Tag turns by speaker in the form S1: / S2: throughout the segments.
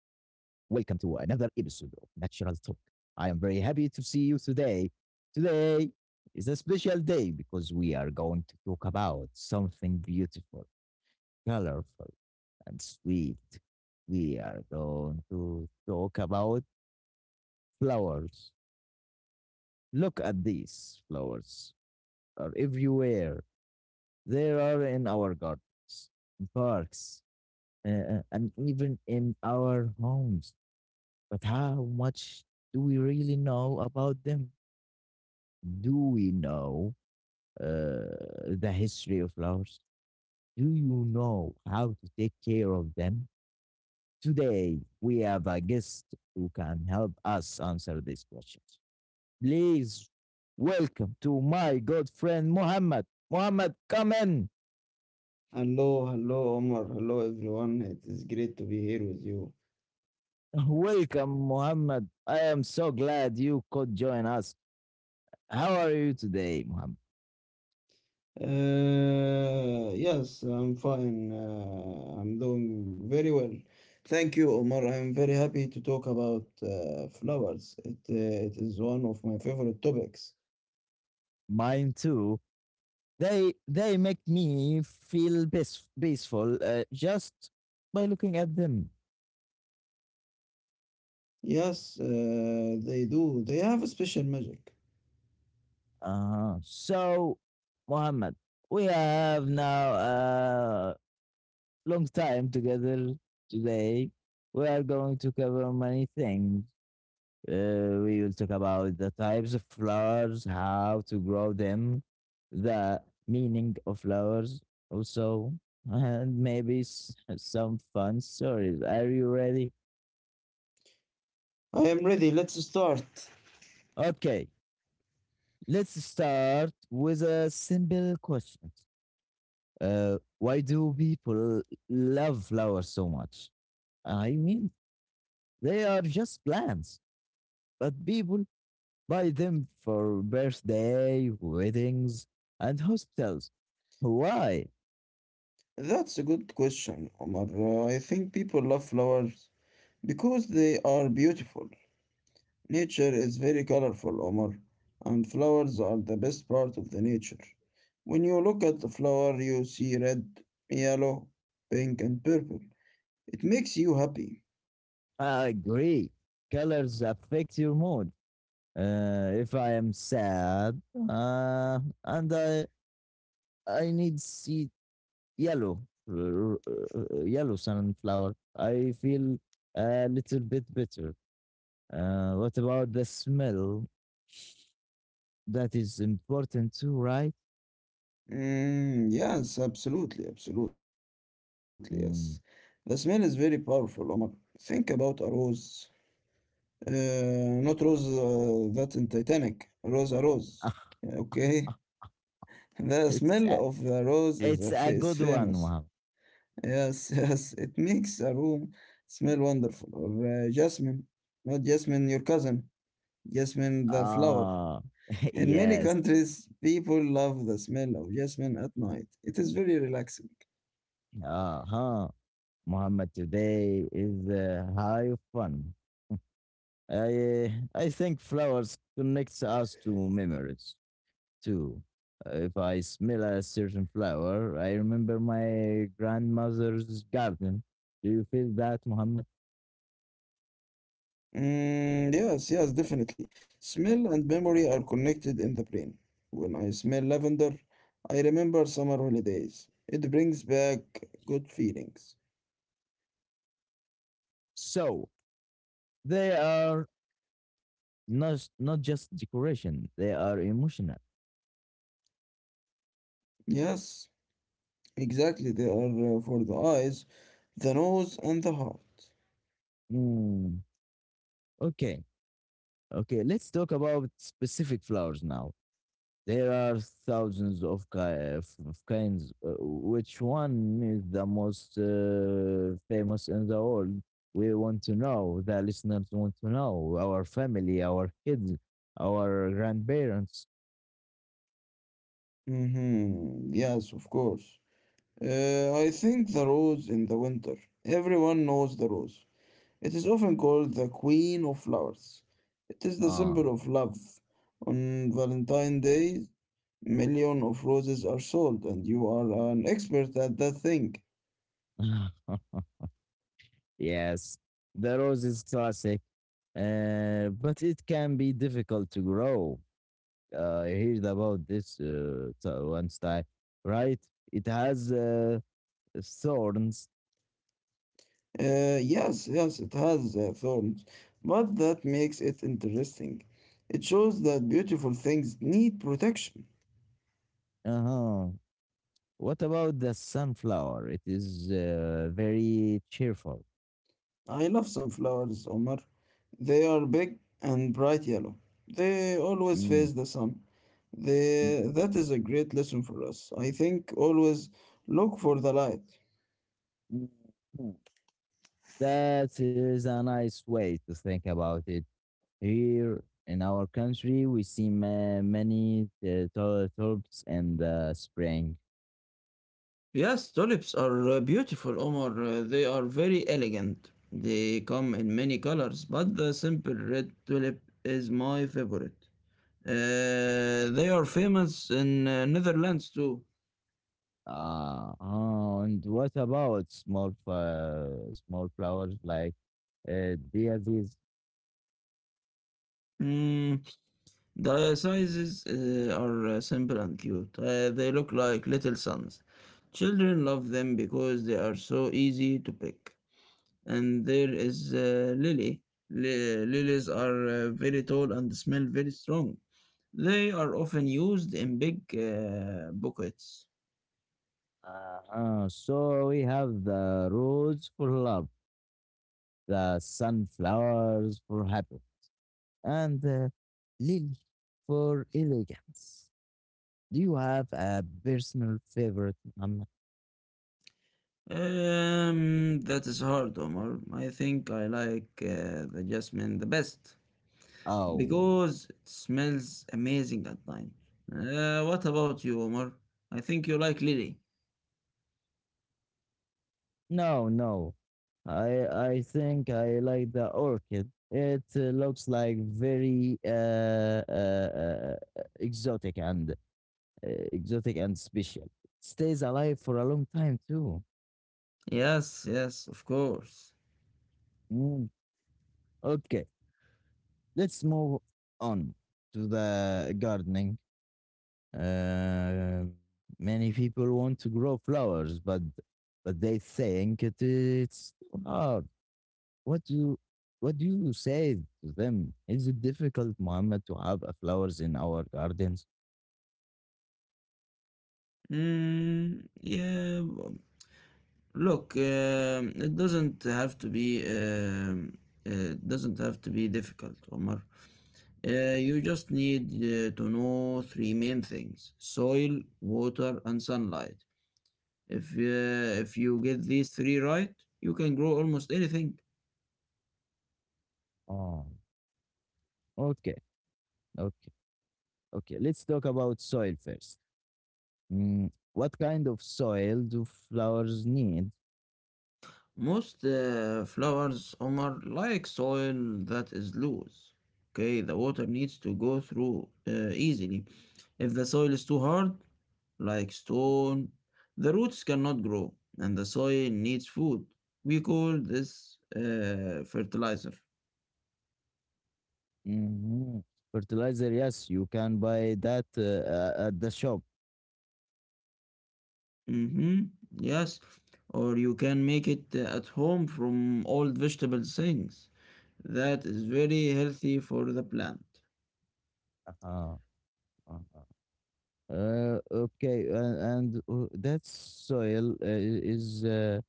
S1: another episode of Natural Talk. I am very happy to see you today. Today is a special day because we are going to talk about something beautiful, colorful, and sweet. We are going to talk about flowers. Look at these flowers are everywhere. They are in our gardens, in parks, and even in our homes. But how much do we really know about them? Do we know the history of flowers? Do you know how to take care of them? Today, we have a guest who can help us answer these questions. Please welcome to my good friend Muhammad. Muhammad, come in.
S2: Hello, hello, Omar. Hello, everyone. It is great to be here with you.
S1: Welcome, Muhammad. I am so glad you could join us. How are you today, Muhammad?
S2: Yes, I'm fine. I'm doing very well. Thank you, Omar. I'm very happy to talk about flowers. It is one of my favorite topics.
S1: Mine too. They make me feel peace, peaceful just by looking at them.
S2: Yes, they do. They have a special magic.
S1: So, Mohammed, we have now a long time together today. We are going to cover many things. We will talk about the types of flowers, how to grow them, the meaning of flowers, also, and maybe some fun stories. Are you ready?
S2: I am ready. Let's start.
S1: Okay. Let's start with a simple question. Why do people love flowers so much? I mean, they are just plants, but people buy them for birthday, weddings, and hospitals. Why?
S2: That's a good question, Omar. I think people love flowers because they are beautiful. Nature is very colorful, Omar, and flowers are the best part of the nature. When you look at the flower, you see red, yellow, pink, and purple. It makes you happy.
S1: I agree. Colors affect your mood. If I am sad and I need see yellow yellow sunflower I feel a little bit better. What about the smell? That is important too, right?
S2: Yes, absolutely, absolutely, yes. The smell is
S1: Mm.
S2: very powerful, Omar. Think about a rose. Uh, Not rose that in Titanic. Rose a rose.
S1: Ah,
S2: Okay. The
S1: it's
S2: smell
S1: a,
S2: of the rose is, a
S1: it's a
S2: fa- is
S1: good one,
S2: famous.
S1: Muhammad.
S2: Yes, yes, it makes a room smell wonderful. Or jasmine, not jasmine, your cousin, jasmine, the flower.
S1: Ah.
S2: In many
S1: Yes.
S2: countries, people love the smell of jasmine at night. It is very relaxing.
S1: Uh-huh. Muhammad, today is high of fun. I I think flowers connects us to memories too. If I smell a certain flower, I remember my grandmother's garden. Do you feel that, Muhammad?
S2: Mm, yes, yes, definitely. Smell and memory are connected in the brain. When I smell lavender, I remember summer holidays. It brings back good feelings.
S1: So they are not just decoration; they are emotional.
S2: Yes, exactly. They are for the eyes, the nose, and the heart.
S1: Mm. Okay, okay. Let's talk about specific flowers now. There are thousands of, ki- of kinds. Which one is the most famous in the world? We want to know. The listeners want to know. Our family, our kids, our grandparents.
S2: Mm-hmm. Yes, of course. I think the rose in the winter. Everyone knows the rose. It is often called the queen of flowers. It is the
S1: Ah.
S2: symbol of love. On Valentine's Day, million of roses are sold, and you are an expert at that thing.
S1: Yes, the rose is classic, but it can be difficult to grow. I heard about this once time, right? It has thorns.
S2: Yes, yes, it has thorns, but that makes it interesting. It shows that beautiful things need protection.
S1: Uh huh. What about the sunflower? It is very cheerful.
S2: I love sunflowers, Omar. They are big and bright yellow. They always
S1: Mm,
S2: face the sun.
S1: mm,
S2: That is a great lesson for us. I think always look for the light.
S1: mm, mm. That is a nice way to think about it. Here in our country, we see many tulips in the spring.
S2: Yes, tulips are beautiful, Omar. They are very elegant. They come in many colors, but the simple red tulip is my favorite. They are famous in Netherlands too.
S1: Oh, and what about small small flowers like daisies?
S2: Hmm, The sizes are simple and cute. They look like little suns. Children love them because they are so easy to pick. And there is lily. Lilies are very tall and smell very strong. They are often used in big buckets.
S1: So we have the rose for love, the sunflowers for happiness. And Lily, for elegance, do you have a personal favorite?
S2: That is hard, Omar. I think I like the jasmine the best.
S1: Oh,
S2: Because it smells amazing at night. What about you, Omar? I think you like Lily.
S1: no, no. I think I like the orchid. It looks like very exotic and special. Stays alive for a long time too.
S2: Yes, yes, of course.
S1: Mm. Okay, let's move on to the gardening. Uh, many people want to grow flowers, but they think it's too hard. What do you what do you say to them? Is it difficult, Mohammed, to have flowers in our gardens?
S2: Mm, yeah, look, it doesn't have to be difficult, Omar. You just need to know three main things: soil, water, and sunlight. If you get these three right, you can grow almost anything.
S1: Oh, okay, okay, okay. Let's talk about soil first. Mm, what kind of soil do flowers need?
S2: Most flowers are like soil that is loose. Okay, the water needs to go through easily. If the soil is too hard, like stone, the roots cannot grow, and the soil needs food. We call this fertilizer.
S1: Mhm. Fertilizer, yes, you can buy that at the shop.
S2: Mm-hmm. Yes, or you can make it at home from old vegetable things. That is very healthy for the plant.
S1: Uh-huh. Uh-huh. Okay, and that soil is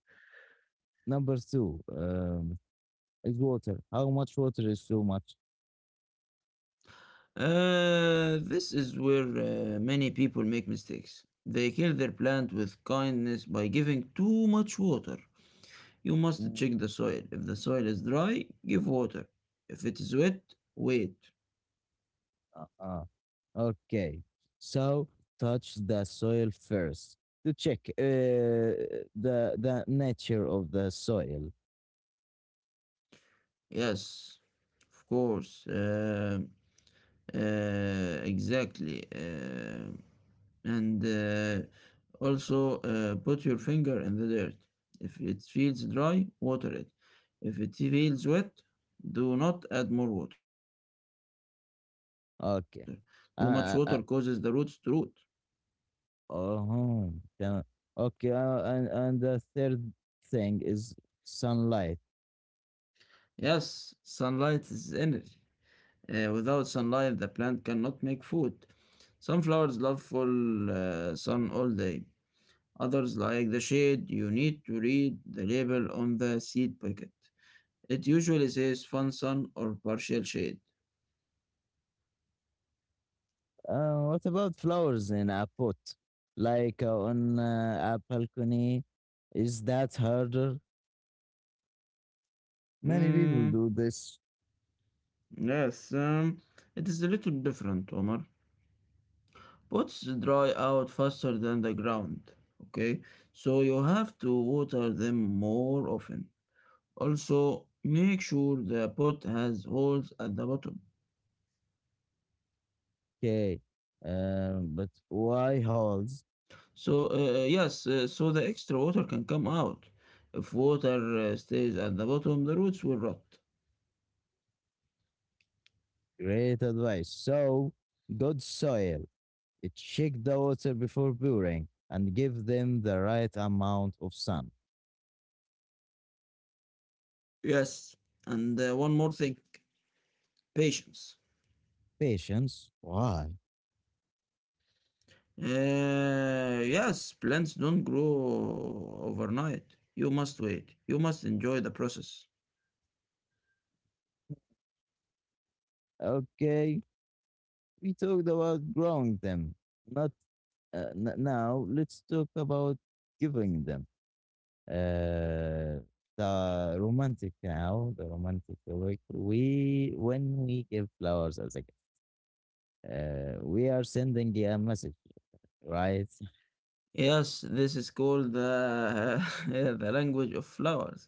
S1: number two. Is water. How much water is too much?
S2: This is where many people make mistakes. They kill their plant with kindness by giving too much water. You must
S1: Mm,
S2: check the soil. If the soil is dry, give water. If it is wet, wait.
S1: uh, uh, okay, so touch the soil first to check the nature of the soil.
S2: Yes, of course. Exactly. And also put your finger in the dirt. If it feels dry, water it. If it feels wet, do not add more water. Too much water causes the roots to root.
S1: Okay. Uh, uh, oh, yeah. Okay. And the third thing is sunlight.
S2: Yes, sunlight is energy. Without sunlight, the plant cannot make food. Sunflowers love full sun all day. Others, like the shade, you need to read the label on the seed packet. It usually says fun sun or partial shade.
S1: What about flowers in a pot, like on a balcony? Is that harder? Many people
S2: Hmm,
S1: do this.
S2: yes, it is a little different, Omar. Pots dry out faster than the ground, okay? So you have to water them more often. Also, make sure the pot has holes at the bottom.
S1: Okay, but why holds?
S2: So, yes, the extra water can come out. If water stays at the bottom, the roots will rot.
S1: Great advice. So, good soil. Check the water before pouring and give them the right amount of sun.
S2: Yes, and one more thing, patience.
S1: Patience. Why?
S2: Yes, plants don't grow overnight. You must wait. You must enjoy the process.
S1: Okay, we talked about growing them. Not now. Let's talk about giving them. uh, the romantic way, we when we give flowers as a gift, we are sending a message, right?
S2: Yes, this is called the, the language of flowers.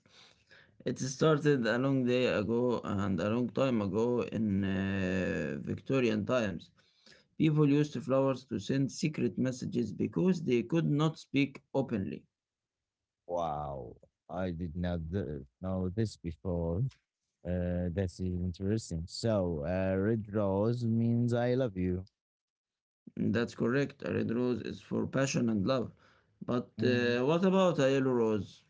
S2: It started a long time ago in Victorian times. People used flowers to send secret messages because they could not speak openly.
S1: Wow, I did not know this before. That's interesting. So, red rose means I love you.
S2: That's correct. A red rose is for passion and love. But
S1: Mhm.
S2: what about a yellow rose?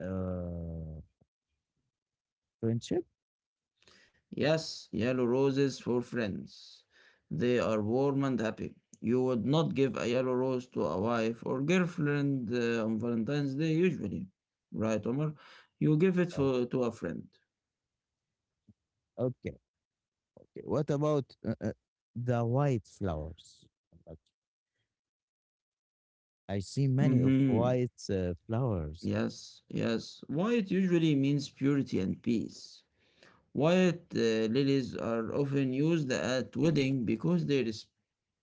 S1: Uh, Friendship,
S2: Yes, yellow roses for friends. They are warm and happy. You would not give a yellow rose to a wife or girlfriend on Valentine's Day usually. Right, Omar? You give it
S1: right?
S2: for, to a friend.
S1: Okay, okay. What about the white flowers? Like, I see many of
S2: Mm-hmm.
S1: white flowers
S2: Yes, yes. White usually means purity and peace. White lilies are often used at wedding because they respect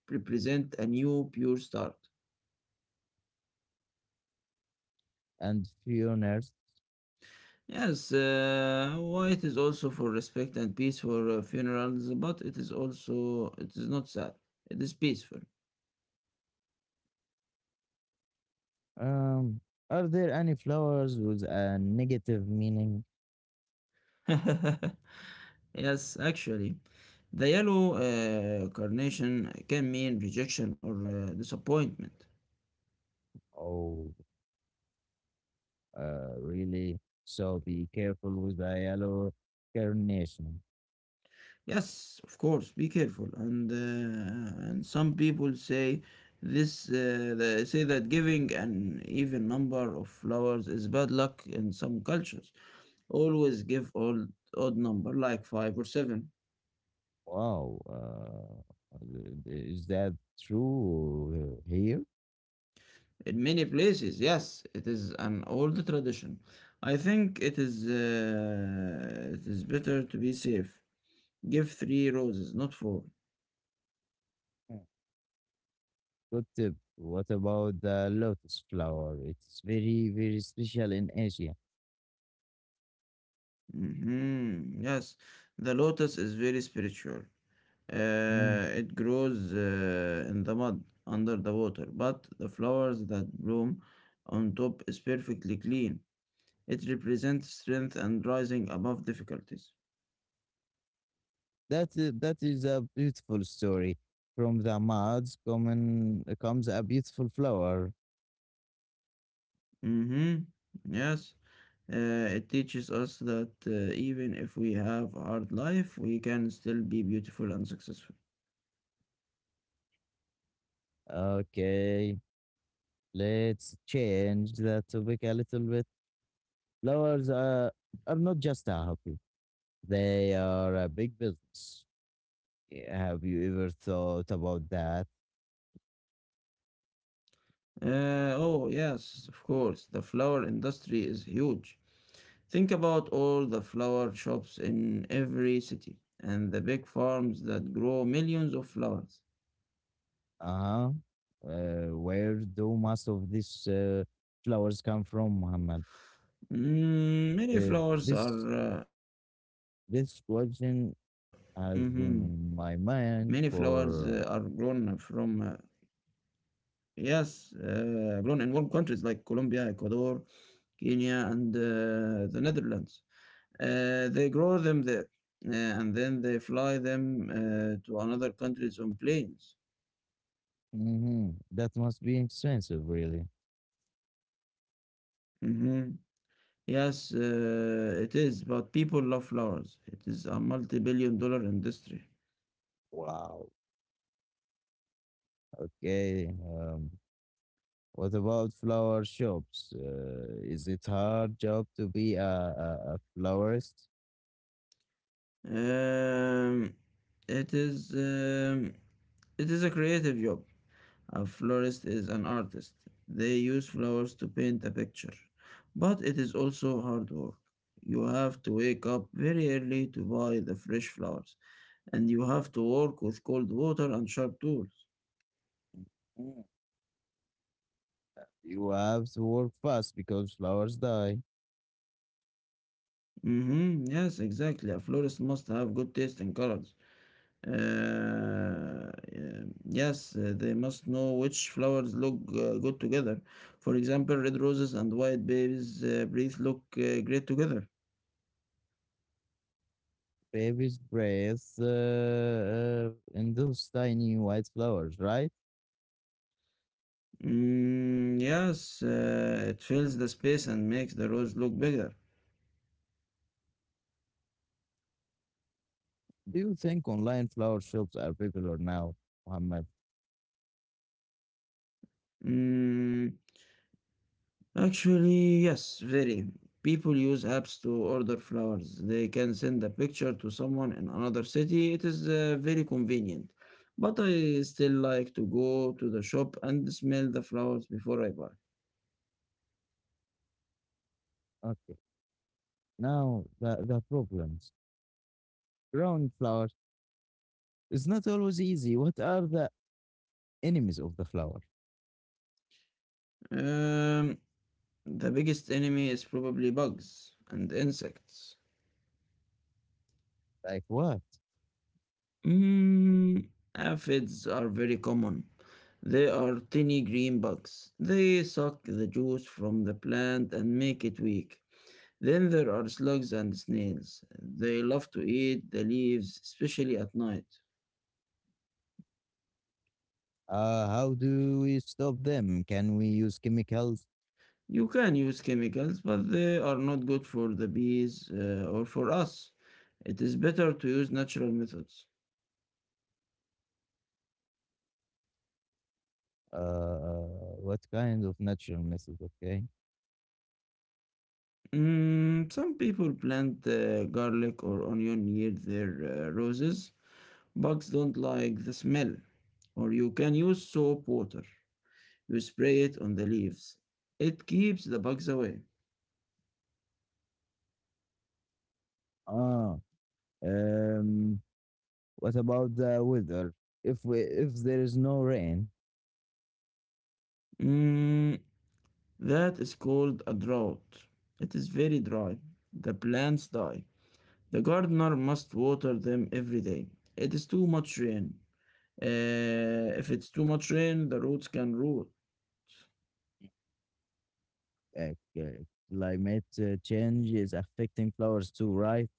S2: represent a new pure start.
S1: and funerals.
S2: Yes, white is also for respect and peace for funerals, but it is also it is not sad. It is peaceful.
S1: Um, are there any flowers with a negative meaning?
S2: yes, actually, the yellow carnation can mean rejection or disappointment.
S1: Oh, really? So be careful with the yellow carnation.
S2: Yes, of course, be careful. And some people say this they say that giving an even number of flowers is bad luck in some cultures. Always give odd number like 5 or 7.
S1: Wow, is that true here?
S2: In many places, yes, it is an old tradition. I think it is better to be safe. Give 3 roses, not 4.
S1: Yeah. Good tip. What about the lotus flower? It's very, very special in Asia.
S2: Mhm, yes, the lotus is very spiritual.
S1: Mm.
S2: It grows in the mud under the water, but the flowers that bloom on top is perfectly clean. It represents strength and rising above difficulties.
S1: That is a beautiful story. From the muds common comes a beautiful flower.
S2: Mm-hmm. Yes. Uh, it teaches us that even if we have a hard life, we can still be beautiful and successful.
S1: Okay, let's change the topic a little bit. Flowers are not just a hobby, they are a big business. Yeah, have you ever thought about that?
S2: Oh, yes, of course. The flower industry is huge. Think about all the flower shops in every city and the big farms that grow millions of flowers.
S1: Uh-huh. Where do most of these flowers come from, Muhammad?
S2: Mm, many
S1: Uh,
S2: flowers are.
S1: this
S2: Uh, mm-hmm.
S1: this question
S2: Many
S1: has
S2: flowers
S1: been
S2: are
S1: in my
S2: grown
S1: mind
S2: from
S1: for—
S2: Yes, grown in warm countries like Colombia, Ecuador, Kenya, and the Netherlands. They grow them there, and then they fly them to another countries on planes.
S1: Mhm, that must be expensive, really.
S2: hmm Yes, it is, but people love flowers. It is a multi-billion dollar industry.
S1: Wow. Okay. What about flower shops? Is it hard job to be a florist?
S2: Um, it is um, it is a creative job. A florist is an artist. They use flowers to paint a picture. But it is also hard work. You have to wake up very early to buy the fresh flowers, and you have to work with cold water and sharp tools.
S1: Mm. You have to work fast because flowers die.
S2: Mm-hmm. Yes, exactly. A florist must have good taste in colors. Yeah, yes, they must know which flowers look good together. For example, red roses and white babies' breath look great together.
S1: Babies breathe in those tiny white flowers, right?
S2: Yes, it fills the space and makes the roads look bigger.
S1: Do you think online flower shops are popular now, Muhammad?
S2: Mm, actually, yes, very. People use apps to order flowers. They can send a picture to someone in another city. It is very convenient. But I still like to go to the shop and smell the flowers before I buy.
S1: Okay. Now, the problems. Growing flowers is not always easy. What are the enemies of the flower?
S2: Um, the biggest enemy is probably bugs and insects.
S1: Like what?
S2: Mm, Aphids are very common. They are tiny green bugs. They suck the juice from the plant and make it weak. Then there are slugs and snails. They love to eat the leaves, especially at night.
S1: How do we stop them? Can we use chemicals?
S2: You can use chemicals, but they are not good for the bees or for us. It is better to use natural methods.
S1: What kind of natural methods? Okay.
S2: Some people plant garlic or onion near their roses. Bugs don't like the smell. Or you can use soap water. You spray it on the leaves. It keeps the bugs away.
S1: Ah, um, what about the weather? If there is no rain,
S2: Mm, that is called a drought. It is very dry. The plants die. The gardener must water them every day. It is too much rain. If it's too much rain, the roots can rot.
S1: uh, c- climate change is affecting flowers too, right?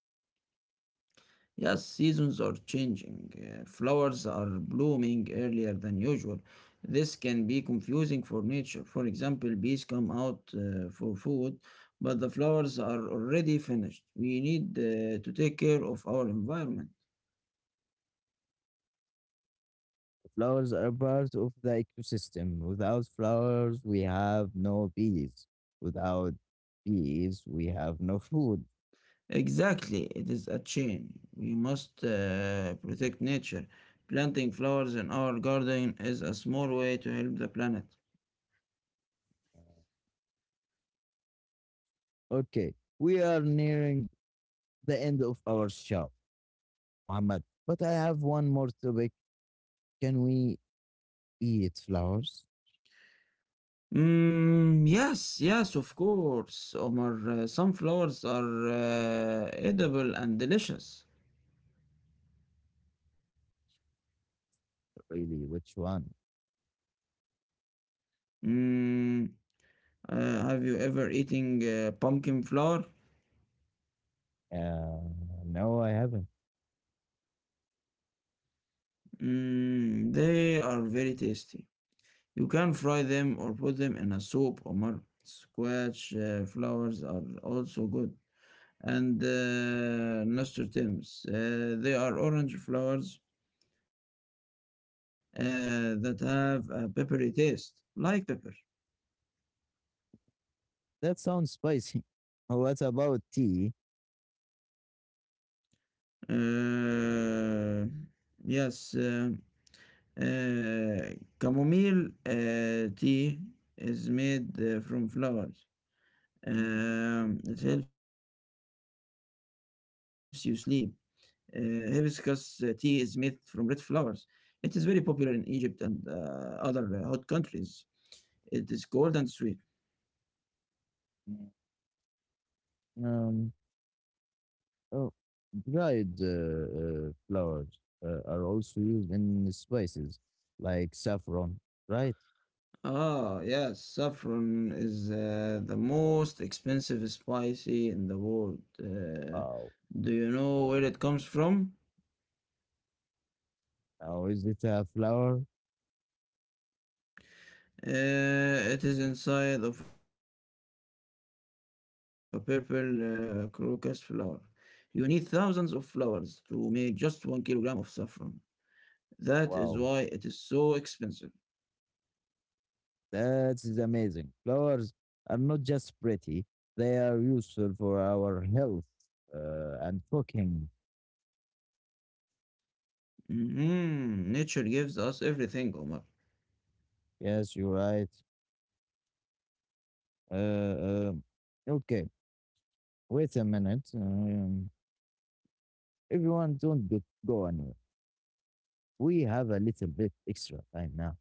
S2: Yes, seasons are changing. Flowers are blooming earlier than usual. This can be confusing for nature. For example, bees come out for food, but the flowers are already finished. We need to take care of our environment.
S1: Flowers are part of the ecosystem. Without flowers, we have no bees. Without bees, we have no food.
S2: Exactly, it is a chain. We must protect nature. Planting flowers in our garden is a small way to help the planet.
S1: Okay, we are nearing the end of our show. Muhammad, but I have one more topic. Can we eat flowers?
S2: Yes, yes, of course, Omar. Sunflowers are edible and delicious.
S1: Really? Which one?
S2: Mm, uh, have you ever eaten pumpkin flour?
S1: Uh, no, I haven't.
S2: They are very tasty. You can fry them or put them in a soup, Omar. Squash flowers are also good. And nasturtiums, they are orange flowers that have a peppery taste, like pepper.
S1: That sounds spicy. What about tea?
S2: Uh, yes, uh, chamomile tea is made from flowers. It helps you sleep. Hibiscus tea is made from red flowers. It is very popular in Egypt and other hot countries. It is cold and sweet.
S1: Um, oh, dried flowers are also used in spices like saffron, right?
S2: Ah, yes, saffron is the most expensive spicy in the world.
S1: Wow.
S2: Do you know where it comes from?
S1: How is it a flower?
S2: Uh, it is inside of a purple crocus flower. You need thousands of flowers to make just 1 kilogram of saffron. That is why it is so
S1: Wow.
S2: expensive.
S1: That is amazing. Flowers are not just pretty, they are useful for our health and cooking.
S2: Nature gives us everything, Omar.
S1: Yes, you're right. Uh, um, okay, wait a minute. Everyone, don't go anywhere. We have a little bit extra time now.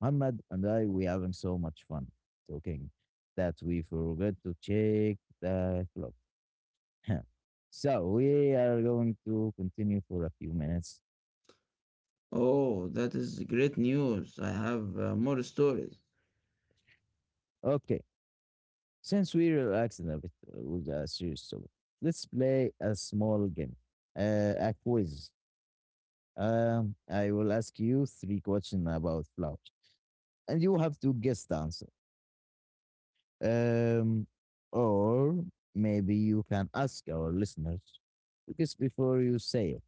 S1: Muhammad and I, we having so much fun talking that we forgot to check the clock. So we are going to continue for a few minutes.
S2: Oh, that is great news. I have more stories.
S1: Okay, since we relaxed a bit with a serious topic, let's play a small game, a quiz. I will ask you three questions about flowers, and you have to guess the answer. Um, or maybe you can ask our listeners because before you say it.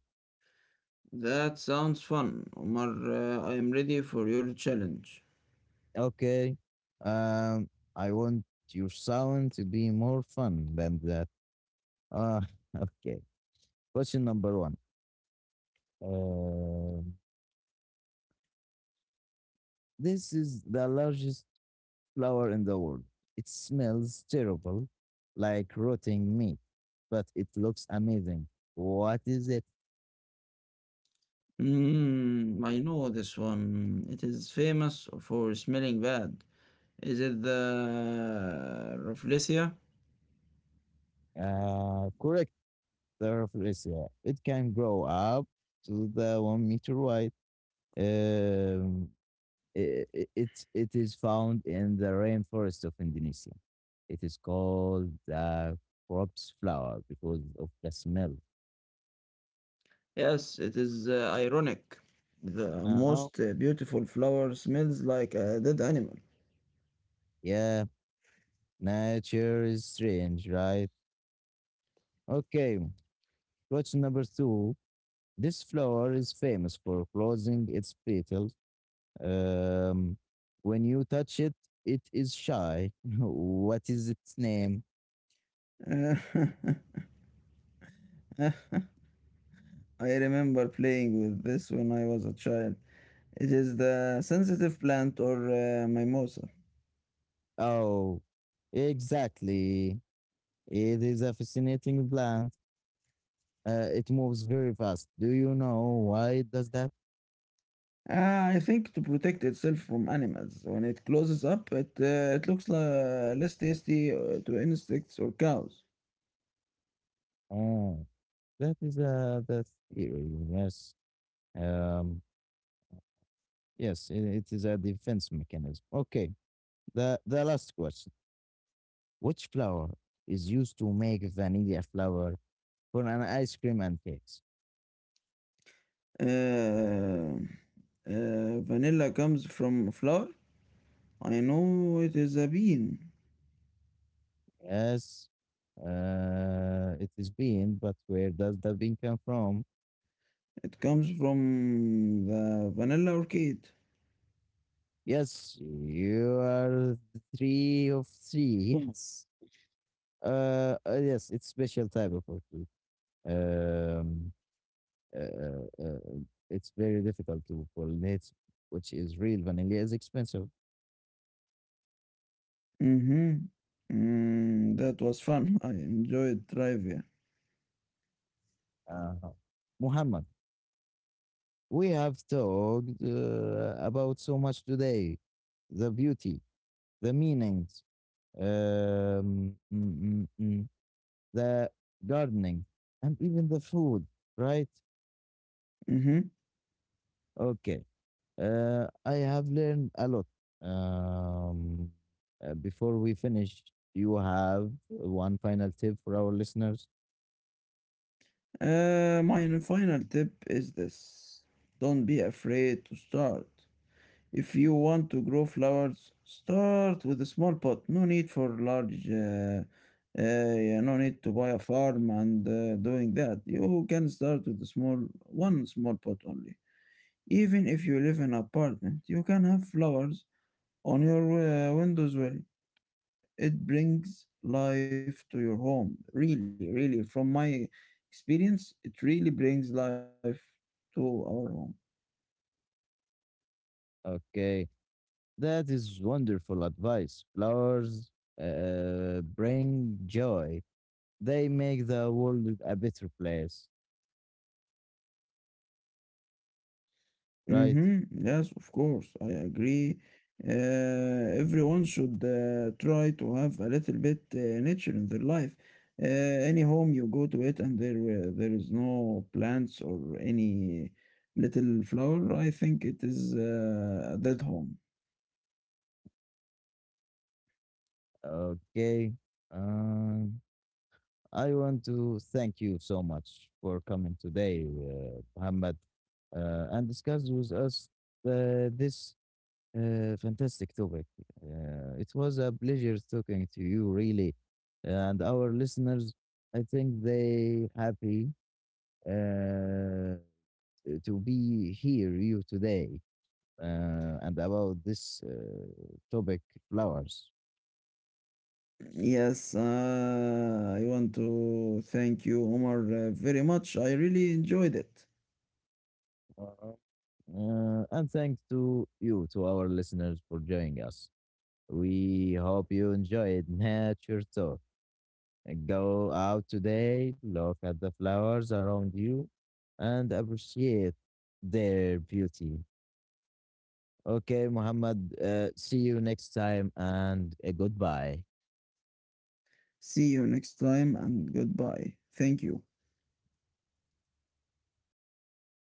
S2: That sounds fun, Omar. I am ready for your challenge.
S1: Okay. Um, I want your sound to be more fun than that. Ah, okay. Question number one. Um, this is the largest flower in the world. It smells terrible, like rotting meat, but it looks amazing. What is it?
S2: I know this one. It is famous for smelling bad. Is it the Rafflesia?
S1: Correct, Theraphysia. It can grow up to the 1 meter wide. Um, i- it is found in the rainforest of Indonesia. It is called the corpse flower because of the smell.
S2: Yes, it is ironic. The
S1: Uh-huh.
S2: most beautiful flower smells like a dead animal.
S1: Yeah, nature is strange, right? Okay, question number two. This flower is famous for closing its petals. Um, when you touch it, it is shy. What is its name?
S2: Uh, I remember playing with this when I was a child. It is the sensitive plant or mimosa.
S1: Oh, exactly. It is a fascinating plant. It moves very fast. Do you know why it does that?
S2: I think to protect itself from animals. When it closes up, it looks less tasty to insects or cows.
S1: Oh, that is a that's eerie. Yes. Um. Yes, it is a defense mechanism. Okay. The last question: Which flower is used to make vanilla flour for an ice cream and cakes?
S2: Uh, Vanilla comes from flower. I know it is a bean.
S1: Yes, it is bean, but where does the bean come from?
S2: It comes from the vanilla orchid.
S1: Yes, you are three of three. Yes. Yes, it's special type of orchid. Um, uh, uh, it's very difficult to pollinate, which is real. Vanilla is expensive.
S2: Mm-hmm. That was fun. I enjoyed trivia.
S1: Uh, Muhammad, we have talked about so much today. The beauty, the meanings, um, mm, mm, mm, the gardening, and even the food, right?
S2: Mm-hmm.
S1: Okay. I have learned a lot. Um, before we finish, you have one final tip for our listeners.
S2: My final tip is this: don't be afraid to start. If you want to grow flowers, start with a small pot. No need to buy a farm and doing that. You can start with a small, one small pot only. Even if you live in an apartment, you can have flowers on your windows well. It brings life to your home. Really, really, from my experience, it really brings life to our home.
S1: Okay. That is wonderful advice. Flowers bring joy, they make the world a better place, right?
S2: Mm-hmm. Yes, of course, I agree. Everyone should try to have a little bit nature in their life. Any home you go to it and there is no plants or any little flower, I think it is a dead home.
S1: Okay. Um, I want to thank you so much for coming today, Muhammad, and discuss with us this fantastic topic. It was a pleasure talking to you, really, and our listeners. I think they happy uh, to be here you today and about this topic flowers.
S2: Yes, I want to thank you, Omar, very much. I really enjoyed it.
S1: Uh, and thanks to you, to our listeners, for joining us. We hope you enjoyed Nature Talk. Go out today, look at the flowers around you, and appreciate their beauty. Okay, Muhammad, see you next time and goodbye.
S2: See you next time and goodbye. Thank you.